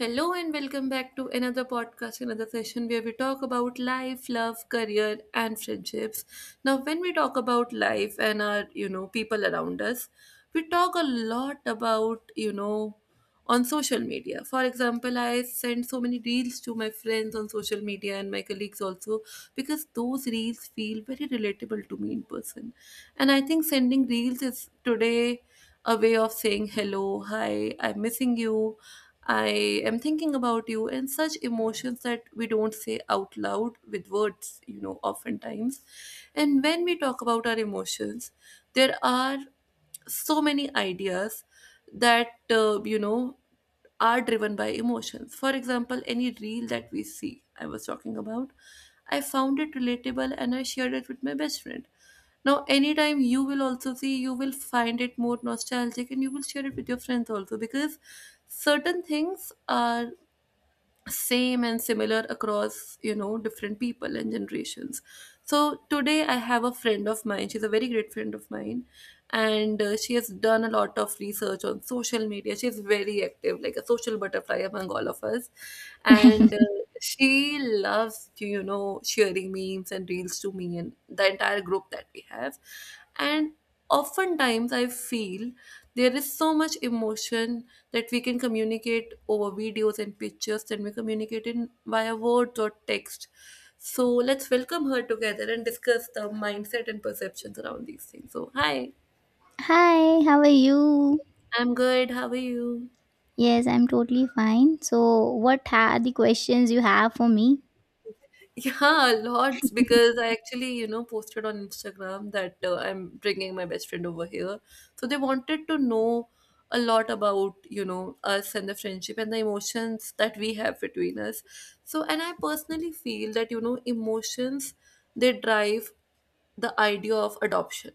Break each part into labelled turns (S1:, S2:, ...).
S1: Hello and welcome back to another podcast, another session where we talk about life, love, career, and friendships. Now, when we talk about life and our, people around us, we talk a lot about, on social media. For example, I send so many reels to my friends on social media and my colleagues also because those reels feel very relatable to me in person. And I think sending reels is today a way of saying hello, hi, I'm missing you, I am thinking about you, and such emotions that we don't say out loud with words, oftentimes. And when we talk about our emotions, there are so many ideas that, are driven by emotions. For example, any reel that we see, I was talking about, I found it relatable and I shared it with my best friend. Now, anytime you will also see, you will find it more nostalgic and you will share it with your friends also because certain things are same and similar across different people and generations. So today I have a friend of mine, she's a very great friend of mine, and she has done a lot of research on social media, she's very active like a social butterfly among all of us, and she loves to sharing memes and reels to me and the entire group that we have. And oftentimes I feel there is so much emotion that we can communicate over videos and pictures than we communicate in via words or text. So let's welcome her together and discuss the mindset and perceptions around these things. So hi,
S2: Hi, how are you?
S1: I'm good, how are you?
S2: Yes, I'm totally fine. So, what are the questions you have for me?
S1: Yeah, lots because I actually, posted on Instagram that I'm bringing my best friend over here. So they wanted to know a lot about, us and the friendship and the emotions that we have between us. So, and I personally feel that, emotions they drive the idea of adoption.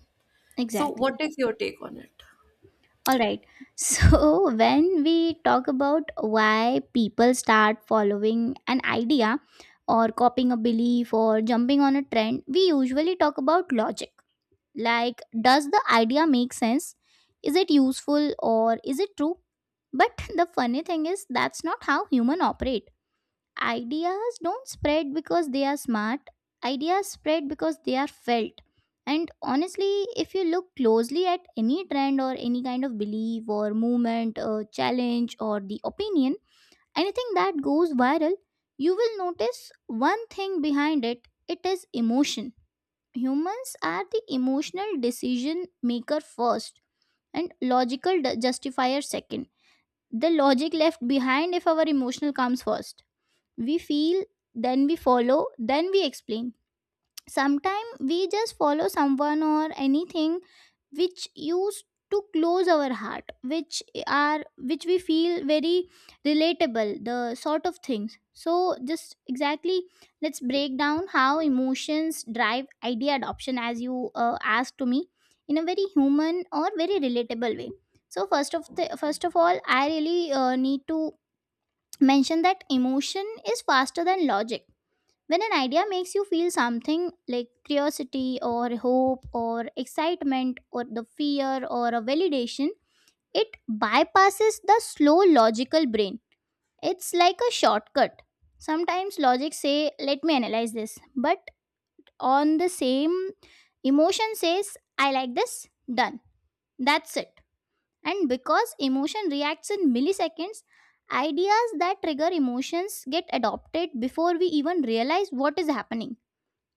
S1: So,
S2: Exactly.
S1: what is your take on it?
S2: All right. So, when we talk about why people start following an idea or copying a belief or jumping on a trend, we usually talk about logic. Like, does the idea make sense? Is it useful or is it true? But the funny thing is, that's not how humans operate. Ideas don't spread because they are smart. Ideas spread because they are felt. And honestly, if you look closely at any trend or any kind of belief or movement or challenge or the opinion, anything that goes viral, you will notice one thing behind it: it is emotion. Humans are the emotional decision maker first and logical justifier second. The logic left behind if our emotional comes first. We feel, then we follow, then we explain. Sometimes we just follow someone or anything which used to close our heart, which we feel very relatable, the sort of things. So just exactly, let's break down how emotions drive idea adoption as you asked to me in a very human or very relatable way. So first of all I really need to mentioned that emotion is faster than logic. When an idea makes you feel something like curiosity or hope or excitement or the fear or a validation, it bypasses the slow logical brain. It's like a shortcut. Sometimes logic say let me analyze this, but on the same emotion says I like this, done. That's it, and because emotion reacts in milliseconds, ideas that trigger emotions get adopted before we even realize what is happening.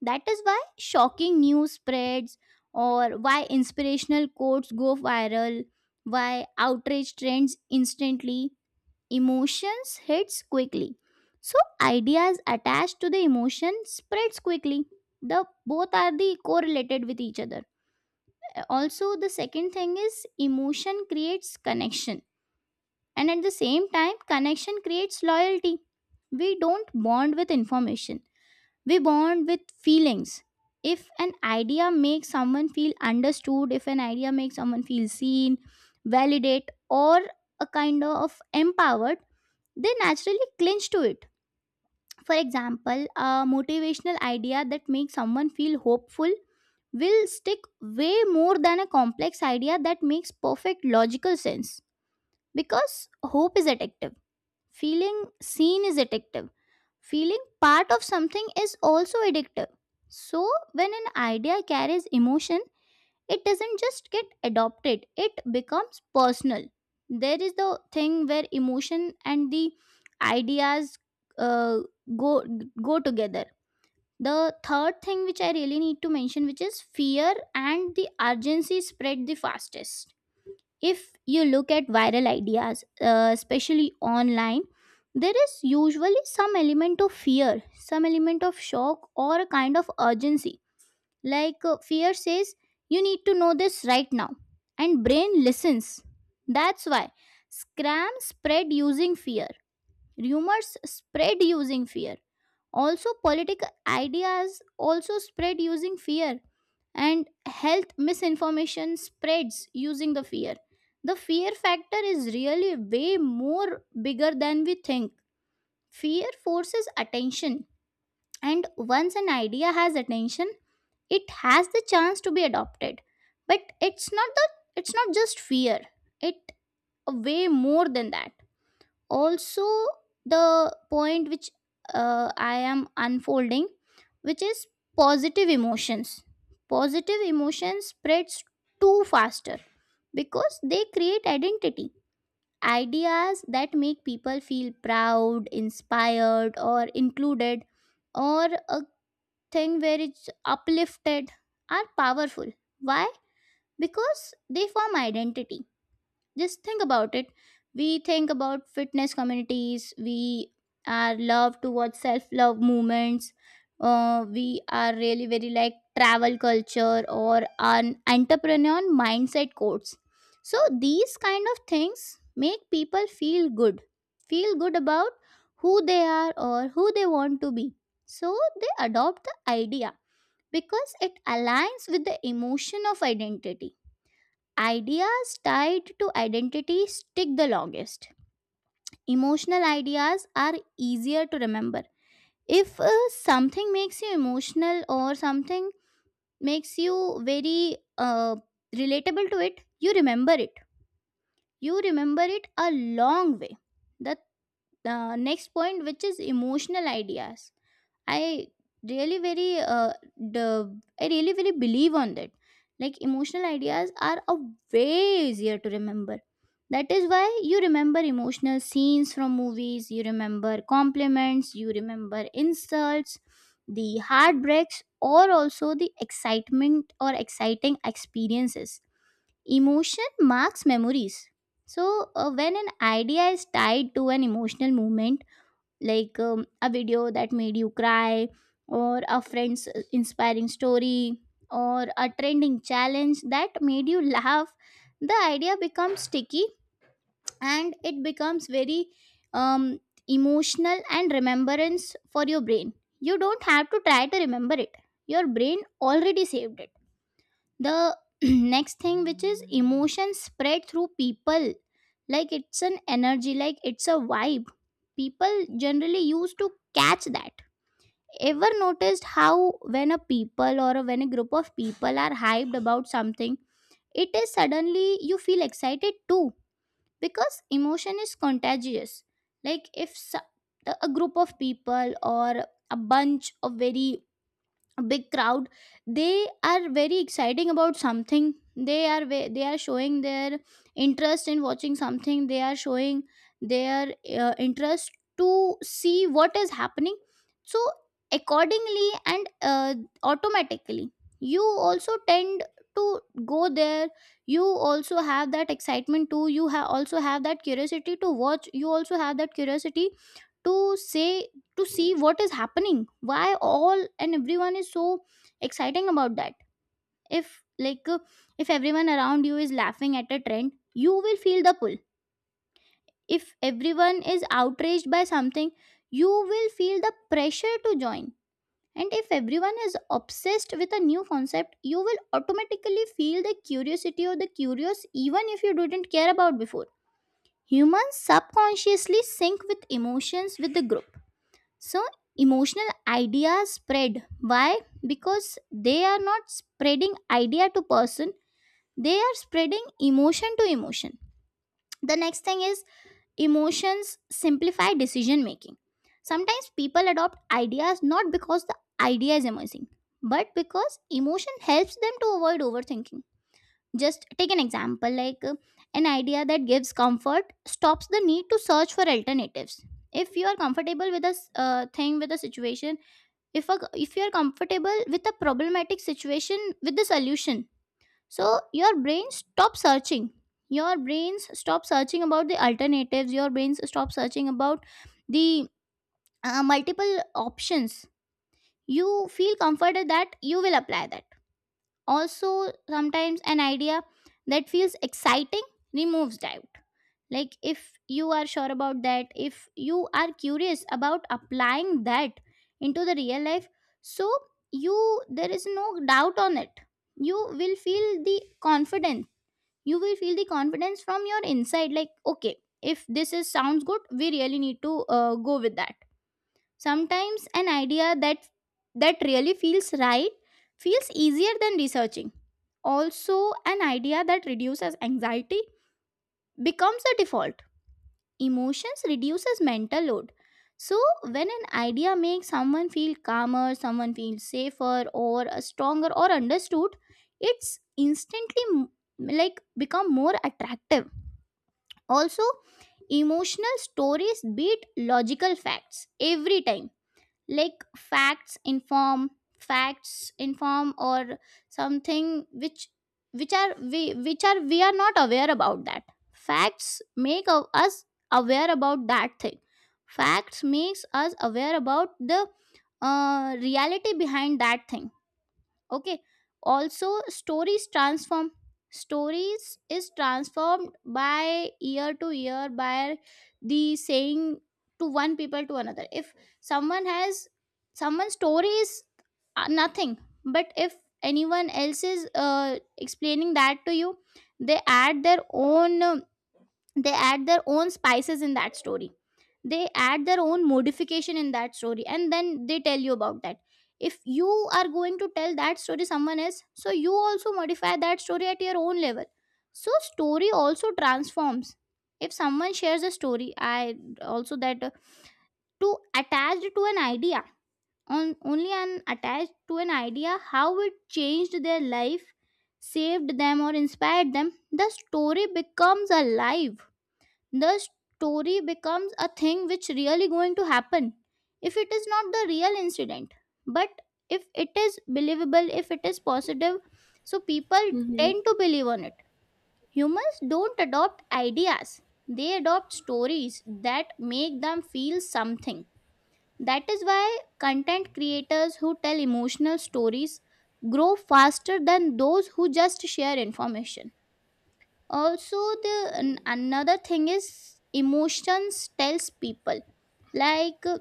S2: That is why shocking news spreads, or why inspirational quotes go viral, why outrage trends instantly. Emotions hits quickly. So ideas attached to the emotion spreads quickly. The both are the correlated with each other. Also the second thing is emotion creates connection and at the same time, connection creates loyalty. We don't bond with information, we bond with feelings. If an idea makes someone feel understood, if an idea makes someone feel seen, validate, or a kind of empowered, they naturally clinch to it. For example, a motivational idea that makes someone feel hopeful will stick way more than a complex idea that makes perfect logical sense, because hope is addictive. Feeling seen is addictive. Feeling part of something is also addictive. So, when an idea carries emotion, it doesn't just get adopted, it becomes personal. There is the thing where emotion and the ideas uh, go go together. The third thing which I really need to mention, which is fear and the urgency spread the fastest. If you look at viral ideas, especially online, there is usually some element of fear, some element of shock, or a kind of urgency. Like fear says, you need to know this right now, and brain listens. That's why scams spread using fear, rumors spread using fear. Also, political ideas also spread using fear and health misinformation spreads using the fear. The fear factor is really way more bigger than we think. Fear forces attention, and once an idea has attention, it has the chance to be adopted, but it's not the it's not just fear, it way more than that. Also, the point which I am unfolding, which is positive emotions. Positive emotions spreads too faster because they create identity. Ideas that make people feel proud, inspired or included, or a thing where it's uplifted, are powerful. Why? Because they form identity. Just think about it. We think about fitness communities, we are love to watch self love movements, we are really very like travel culture or an entrepreneur mindset codes. So these kind of things make people feel good, feel good about who they are or who they want to be. So they adopt the idea because it aligns with the emotion of identity. Ideas tied to identity stick the longest. Emotional ideas are easier to remember. If something makes you emotional, or something makes you very relatable to it, you remember it. You remember it a long way. The next point, which is emotional ideas, i really very uh, the I really very believe on that. Like emotional ideas are a way easier to remember. That is why you remember emotional scenes from movies, you remember compliments, you remember insults, the heartbreaks, or also the excitement or exciting experiences. Emotion marks memories. So, when an idea is tied to an emotional moment, like a video that made you cry, or a friend's inspiring story, or a trending challenge that made you laugh, the idea becomes sticky and it becomes very um, emotional and remembrance for your brain. You don't have to try to remember it, your brain already saved it. The next thing, which is emotion spread through people, like it's an energy, like it's a vibe. People generally used to catch that. Ever noticed how when a people or when a group of people are hyped about something, it is suddenly you feel excited too, because emotion is contagious? Like if so- a group of people or a bunch of very big crowd, they are very exciting about something, they are showing their interest in watching something, they are showing their interest to see what is happening. So accordingly and automatically, you also tend to go there, you also have that excitement too, you also have that curiosity to watch, you also have that curiosity to say to see what is happening, why all and everyone is so exciting about that. If like uh, if everyone around you is laughing at a trend, you will feel the pull. If everyone is outraged by something, you will feel the pressure to join. And if everyone is obsessed with a new concept, you will automatically feel the curiosity or the curious, even if you didn't care about before. Humans subconsciously sync with emotions with the group. So emotional ideas spread. Why? Because they are not spreading idea to person, they are spreading emotion to emotion. The next thing is, emotions simplify decision making. Sometimes people adopt ideas not because the idea is amazing, but because emotion helps them to avoid overthinking. Just take an example, like an idea that gives comfort stops the need to search for alternatives. If you are comfortable with a thing, with a situation, if you are comfortable with a problematic situation with the solution, so your brain stops searching. Your brains stop searching about the alternatives, your brains stop searching about the multiple options. You feel comforted that you will apply that. Also sometimes an idea that feels exciting removes doubt. Like if you are sure about that, if you are curious about applying that into the real life, so you there is no doubt on it. You will feel the confidence. You will feel the confidence from your inside, like okay, if this is sounds good, we really need to go with that. Sometimes an idea that really feels right, feels easier than researching. Also, an idea that reduces anxiety becomes a default. Emotions reduces mental load. So when an idea makes someone feel calmer, someone feels safer or stronger or understood, it's instantly like become more attractive. Also, emotional stories beat logical facts every time. Like, facts inform or something which are we are not aware about that. Facts make of us aware about that thing. Facts makes us aware about the reality behind that thing. Okay. Also, stories transform. Stories is transformed by year to year by the saying to one people to another. If someone has, someone's story is nothing, but if anyone else is explaining that to you, they add their own they add their own spices in that story, they add their own modification in that story, and then they tell you about that. If you are going to tell that story someone else, so you also modify that story at your own level. So story also transforms. If someone shares a story, I also that to attach to an idea, on only an attached to an idea, how it changed their life, saved them or inspired them, the story becomes alive. The story becomes a thing which really going to happen. If it is not the real incident, but if it is believable, if it is positive, so people
S1: Mm-hmm.
S2: tend to believe on it. Humans don't adopt ideas, they adopt stories that make them feel something. That is why content creators who tell emotional stories grow faster than those who just share information. Also, the another thing is, emotions tells people, like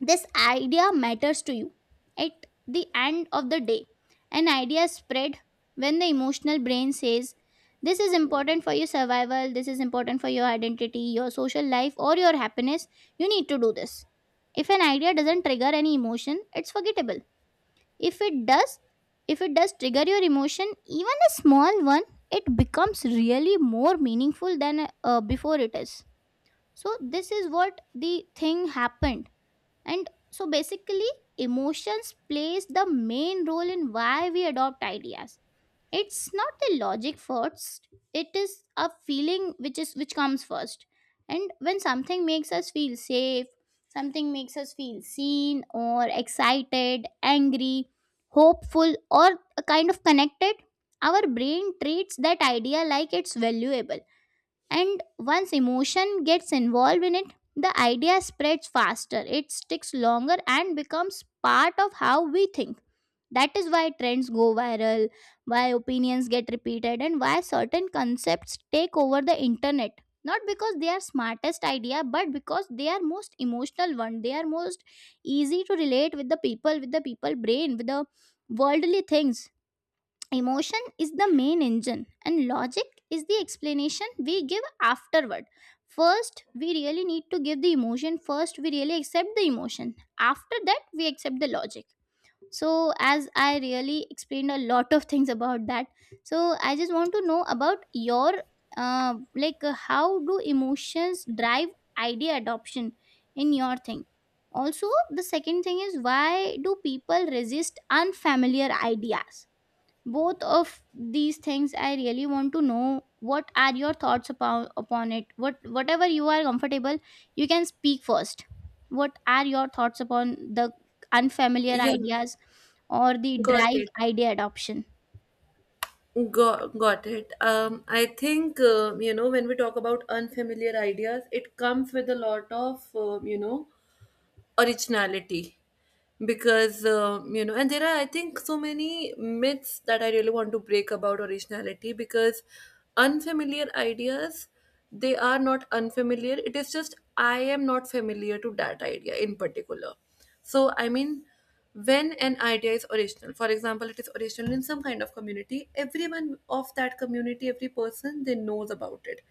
S2: this idea matters to you. At the end of the day, an idea is spread when the emotional brain says this is important for your survival, this is important for your identity, your social life, or your happiness. You need to do this. If an idea doesn't trigger any emotion, it's forgettable. If it does if it does trigger your emotion, even a small one, it becomes really more meaningful than before it is. So this is what the thing happened. And so basically, emotions plays the main role in why we adopt ideas. It's not the logic first, it is a feeling which is which comes first. And when something makes us feel safe, something makes us feel seen or excited, angry, hopeful, or a kind of connected, our brain treats that idea like it's valuable. And once emotion gets involved in it, the idea spreads faster, it sticks longer, and becomes part of how we think. That is why trends go viral, why opinions get repeated, and why certain concepts take over the internet. Not because they are smartest idea, but because they are most emotional one. They are most easy to relate with the people, with the people brain, with the worldly things. Emotion is the main engine, and logic is the explanation we give afterward. First, we really need to give the emotion. First, we really accept the emotion. After that, we accept the logic. So, as I really explained a lot of things about that, so I just want to know about your how do emotions drive idea adoption in your thing. Also, the second thing is, why do people resist unfamiliar ideas? Both of these things, I really want to know what are your thoughts upon it. What whatever you are comfortable, you can speak first. What are your thoughts upon the unfamiliar
S1: Yeah,
S2: ideas or the
S1: got
S2: drive
S1: it.
S2: idea adoption?
S1: Got it. I think when we talk about unfamiliar ideas, it comes with a lot of originality, because and there are I think so many myths that I really want to break about originality, because unfamiliar ideas they are not unfamiliar. It is just I am not familiar to that idea in particular. So I mean, when an idea is original, for example, it is original in some kind of community. Everyone of that community, every person, they knows about it.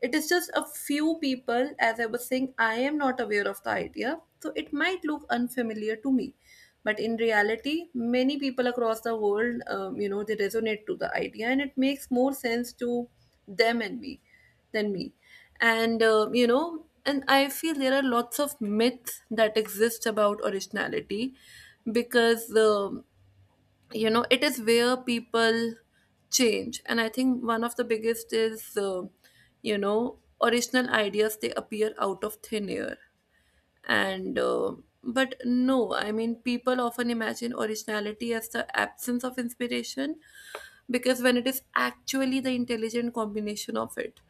S1: It is just a few people, as I was saying, I am not aware of the idea, so it might look unfamiliar to me. But in reality, many people across the world, they resonate to the idea and it makes more sense to them and me than me. And and I feel there are lots of myths that exist about originality, because it is where people change. And I think one of the biggest is original ideas they appear out of thin air. And but no, I mean, people often imagine originality as the absence of inspiration, because when it is actually the intelligent combination of it,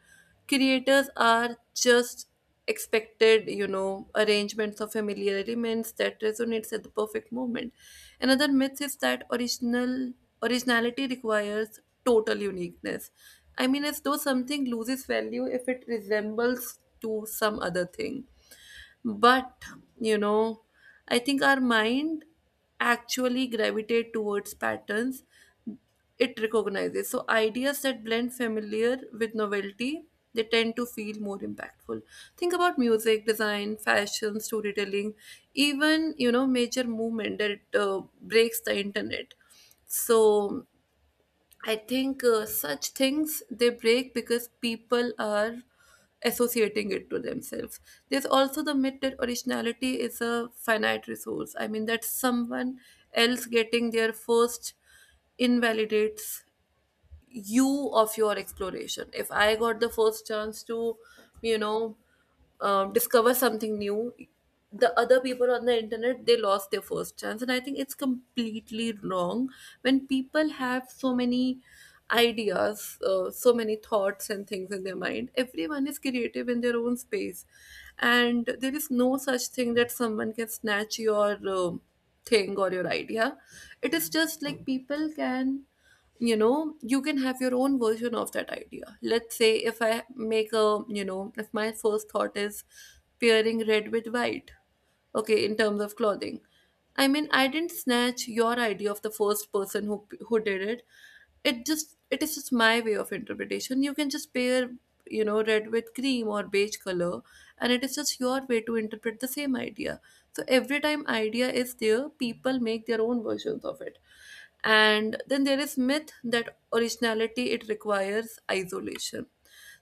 S1: creators are just expected, arrangements of familiar elements that resonates at the perfect moment. Another myth is that originality requires total uniqueness. I mean, as though something loses value if it resembles to some other thing. But, you know I think our mind actually gravitate towards patterns it recognizes, so ideas that blend familiar with novelty, they tend to feel more impactful. Think about music, design, fashion, storytelling, even major movement that breaks the internet. So I think such things they break because people are associating it to themselves. There's also the myth that originality is a finite resource. I mean that someone else getting their first invalidates you of your exploration. If I got the first chance to you know discover something new, the other people on the internet they lost their first chance, and I think it's completely wrong. When people have so many ideas, so many thoughts and things in their mind, everyone is creative in their own space, and there is no such thing that someone can snatch your thing or your idea. It is just like people can, you can have your own version of that idea. Let's say if I make a, if my first thought is pairing red with white, okay, in terms of clothing. I mean, I didn't snatch your idea of the first person who did it. It just it is just my way of interpretation. You can just pair, red with cream or beige color, and it is just your way to interpret the same idea. So every time idea is there, people make their own versions of it. And then there is myth that originality it requires isolation.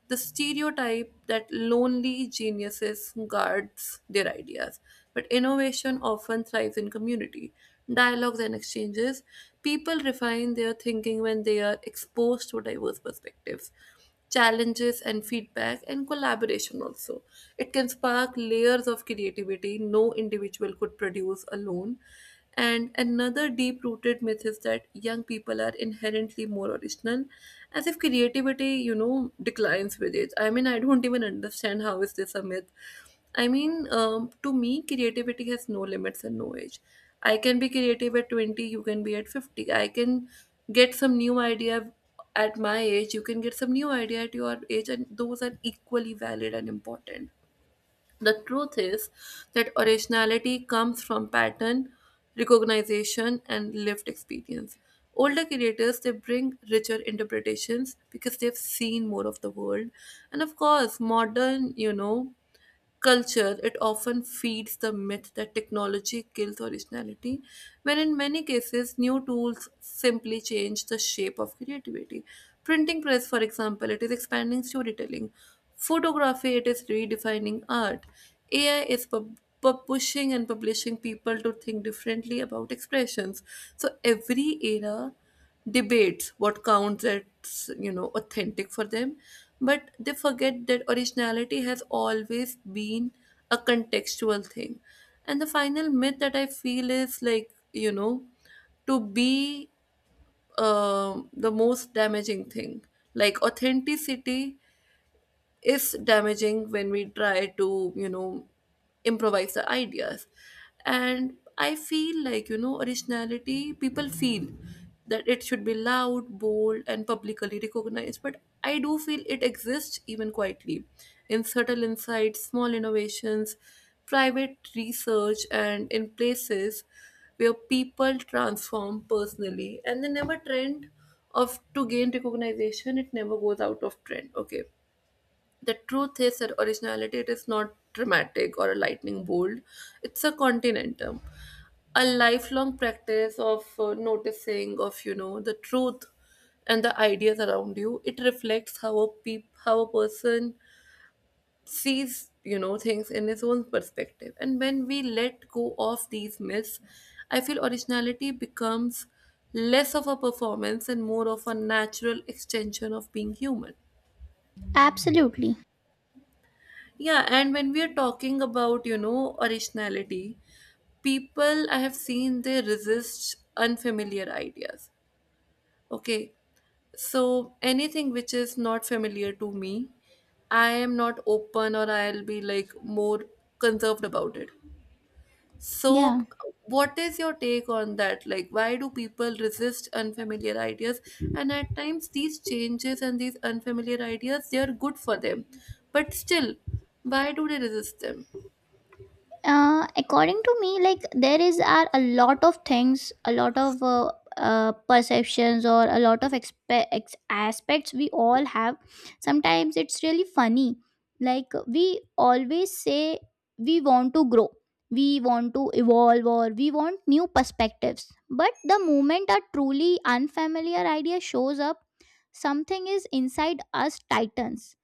S1: The stereotype that lonely geniuses guards their ideas, but innovation often thrives in community, dialogues, and exchanges. People refine their thinking when they are exposed to diverse perspectives, challenges, and feedback, and collaboration also, it can spark layers of creativity no individual could produce alone. And another deep rooted myth is that young people are inherently more original, as if creativity, declines with age. I mean, I don't even understand how is this a myth. I mean, to me, creativity has no limits and no age. I can be creative at 20, you can be at 50. I can get some new idea at my age, you can get some new idea at your age, and those are equally valid and important. The truth is that originality comes from pattern recognition and lived experience. Older creators they bring richer interpretations because they've seen more of the world. And of course, modern, culture, it often feeds the myth that technology kills originality, when in many cases, new tools simply change the shape of creativity. Printing press, for example, it is expanding storytelling. Photography, it is redefining art. AI is pushing and publishing people to think differently about expressions. So every era debates what counts as authentic for them, but they forget that originality has always been a contextual thing. And the final myth that I feel is like, to be, the most damaging thing, like authenticity is damaging when we try to, improvise the ideas. And I feel like, originality people feel that it should be loud, bold, and publicly recognized, but I do feel it exists even quietly in subtle insights, small innovations, private research, and in places where people transform personally and they never trend of to gain recognition, it never goes out of trend, okay. The truth is that originality it is not dramatic or a lightning bolt. It's a continuum, a lifelong practice of noticing of the truth and the ideas around you. It reflects how a person sees, things in his own perspective. And when we let go of these myths, I feel originality becomes less of a performance and more of a natural extension of being human.
S2: Absolutely.
S1: Yeah, and when we are talking about, originality, people I have seen they resist unfamiliar ideas. Okay, so anything which is not familiar to me, I am not open or I'll be like more conserved about it.
S2: Yeah.
S1: So, what is your take on that? Like, why do people resist unfamiliar ideas? And at times, these changes and these unfamiliar ideas they are good for them, but still, why do they resist them?
S2: According to me, like, there is are a lot of things, a lot of perceptions, or a lot of aspects we all have. Sometimes it's really funny, like we always say we want to grow, we want to evolve, or we want new perspectives, but the moment a truly unfamiliar idea shows up, something is inside us tightens.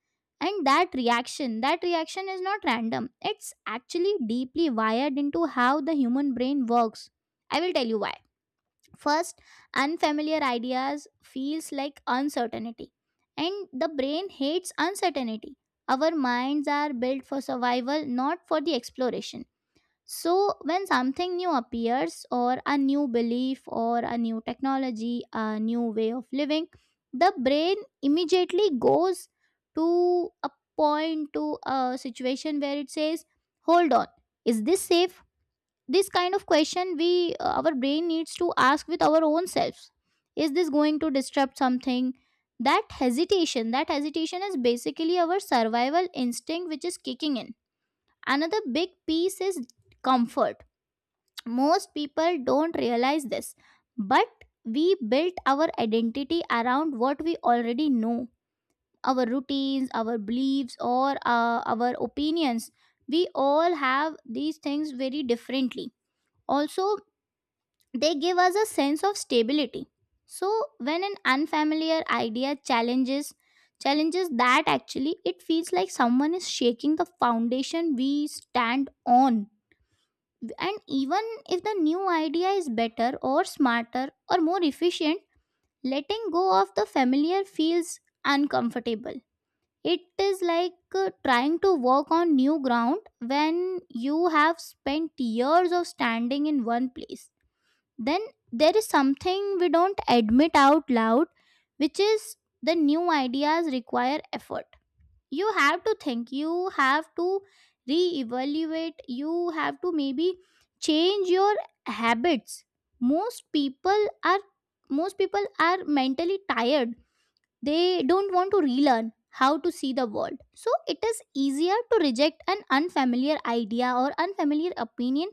S2: And that reaction is not random. It's actually deeply wired into how the human brain works. I will tell you why. First, unfamiliar ideas feels like uncertainty, and the brain hates uncertainty. Our minds are built for survival, not for the exploration. So, when something new appears, or a new belief, or a new technology, a new way of living, the brain immediately goes to a point, to a situation where it says, "Hold on, is this safe?" This kind of question we our brain needs to ask with our own selves. Is this going to disrupt something? That hesitation is basically our survival instinct which is kicking in. Another big piece is comfort. Most people don't realize this, but we built our identity around what we already know: our routines, our beliefs, or our opinions. We all have these things very differently. Also, they give us a sense of stability. So, when an unfamiliar idea challenges that, actually it feels like someone is shaking the foundation we stand on. And even if the new idea is better or smarter or more efficient, letting go of the familiar feels uncomfortable. It is like trying to walk on new ground when you have spent years of standing in one place. Then there is something we don't admit out loud, which is the new ideas require effort. You have to think, you have to reevaluate, you have to maybe change your habits. Most people are most people are mentally tired. They don't want to relearn how to see the world, so it is easier to reject an unfamiliar idea or unfamiliar opinion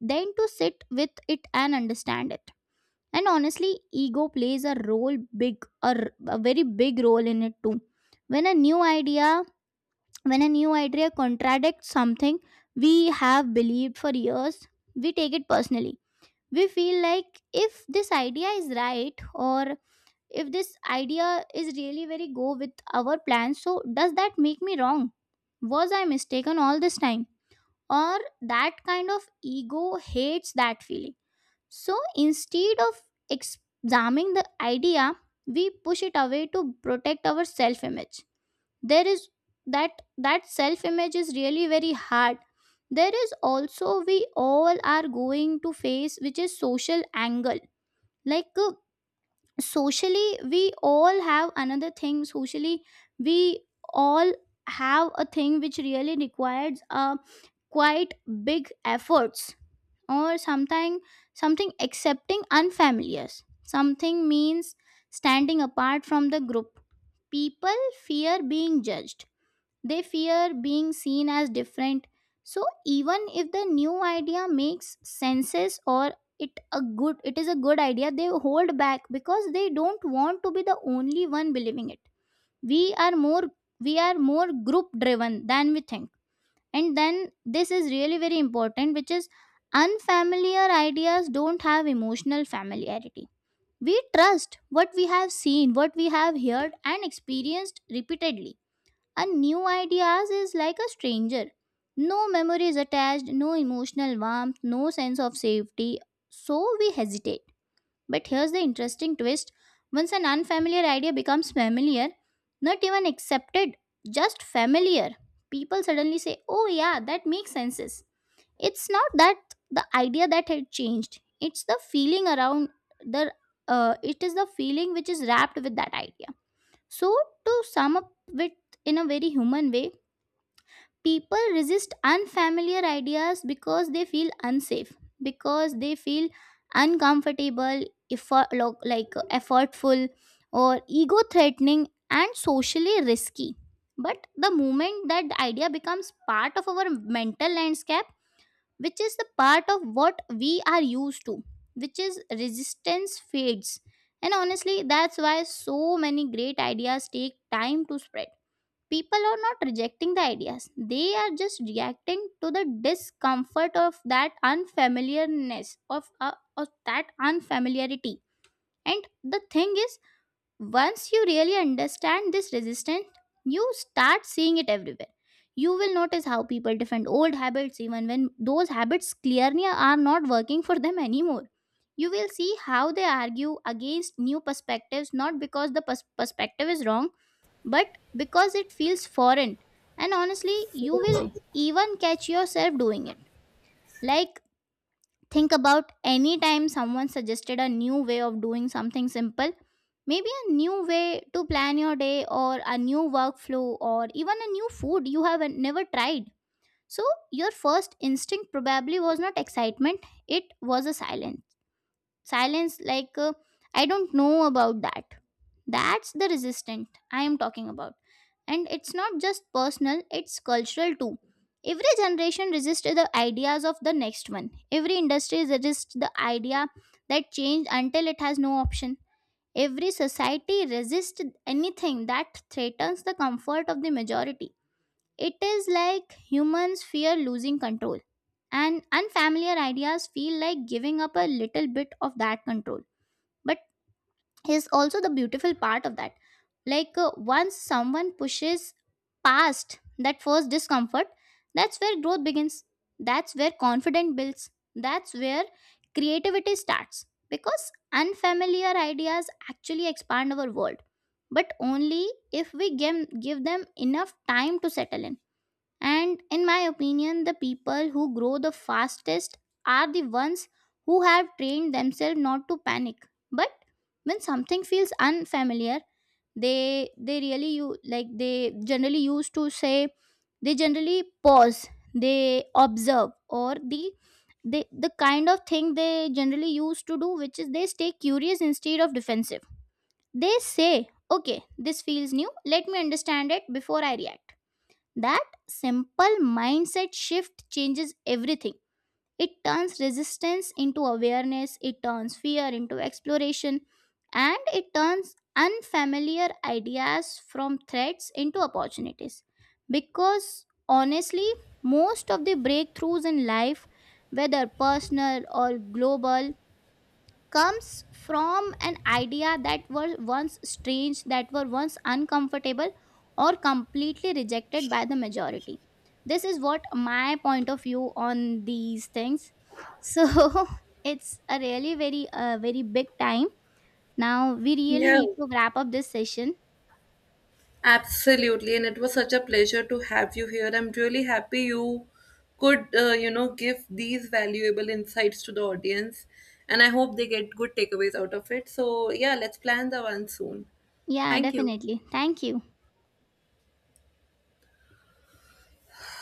S2: than to sit with it and understand it. And honestly, ego plays a role, big, or a very big role in it too. When a new idea when a new idea contradicts something we have believed for years, we take it personally. We feel like, if this idea is right, or if this idea is really very go with our plans, so does that make me wrong? Was I mistaken all this time? Or that kind of, ego hates that feeling. So instead of examining the idea, we push it away to protect our self image. There is that self image is really very hard. There is also we all are going to face, which is social angle. like uh, Socially, we all have another thing. Socially, we all have a thing which really requires a quite big efforts, or something. Something, accepting unfamiliar something, means standing apart from the group. People fear being judged, they fear being seen as different. So even if the new idea makes senses, or it a good, it is a good idea, they hold back because they don't want to be the only one believing it. We are more we are more group driven than we think. And then this is really very important, which is, unfamiliar ideas don't have emotional familiarity. We trust what we have seen, what we have heard, and experienced repeatedly, and new ideas is like a stranger. No memory is attached, no emotional warmth, no sense of safety, so we hesitate. But here's the interesting twist: once an unfamiliar idea becomes familiar, not even accepted, just familiar, people suddenly say, "Oh, yeah, that makes sense." It's not that the idea that had changed, it's the feeling around the it is the feeling which is wrapped with that idea. So, to sum up with, in a very human way, people resist unfamiliar ideas because they feel unsafe, because they feel uncomfortable, effort, like effortful, or ego threatening, and socially risky. But the moment that idea becomes part of our mental landscape, which is the part of what we are used to, which is, resistance fades. And honestly, that's why so many great ideas take time to spread. People are not rejecting the ideas, they are just reacting to the discomfort of that unfamiliarness of that unfamiliarity. And the thing is, once you really understand this resistance, you start seeing it everywhere. You will notice how people defend old habits even when those habits clearly are not working for them anymore. You will see how they argue against new perspectives, not because the perspective is wrong, but because it feels foreign. And honestly, you will even catch yourself doing it. Like, think about any time someone suggested a new way of doing something simple, maybe a new way to plan your day, or a new workflow, or even a new food you have never tried. So, your first instinct probably was not excitement, it was a silence. Silence like, I don't know about that. That's the resistant I am talking about. And it's not just personal, it's cultural too. Every generation resists the ideas of the next one. Every industry resists the idea that change until it has no option. Every society resists anything that threatens the comfort of the majority. It is like humans fear losing control, and unfamiliar ideas feel like giving up a little bit of that control. But is also the beautiful part of that, like, once someone pushes past that first discomfort, that's where growth begins, that's where confidence builds, that's where creativity starts, because unfamiliar ideas actually expand our world, but only if we give them enough time to settle in. And in my opinion, the people who grow the fastest are the ones who have trained themselves not to panic. But when something feels unfamiliar, they really you, like, they generally used to say, they generally pause, they observe, or the, they the kind of thing they generally used to do, which is they stay curious instead of defensive. They say, okay, this feels new, let me understand it before I react. That simple mindset shift changes everything. It turns resistance into awareness, it turns fear into exploration, and it turns unfamiliar ideas from threats into opportunities. Because honestly, most of the breakthroughs in life, whether personal or global, comes from an idea that were once strange, that were once uncomfortable, or completely rejected by the majority. This is what my point of view on these things. So it's a really very very big time. Now we really
S1: Yeah,
S2: need to wrap up this session.
S1: absolutely. And it was such a pleasure to have you here. I'm really happy you could, give these valuable insights to the audience. And I hope they get good takeaways out of it. So, yeah, let's plan the one soon.
S2: Yeah,
S1: Thank you.
S2: definitely. Thank you.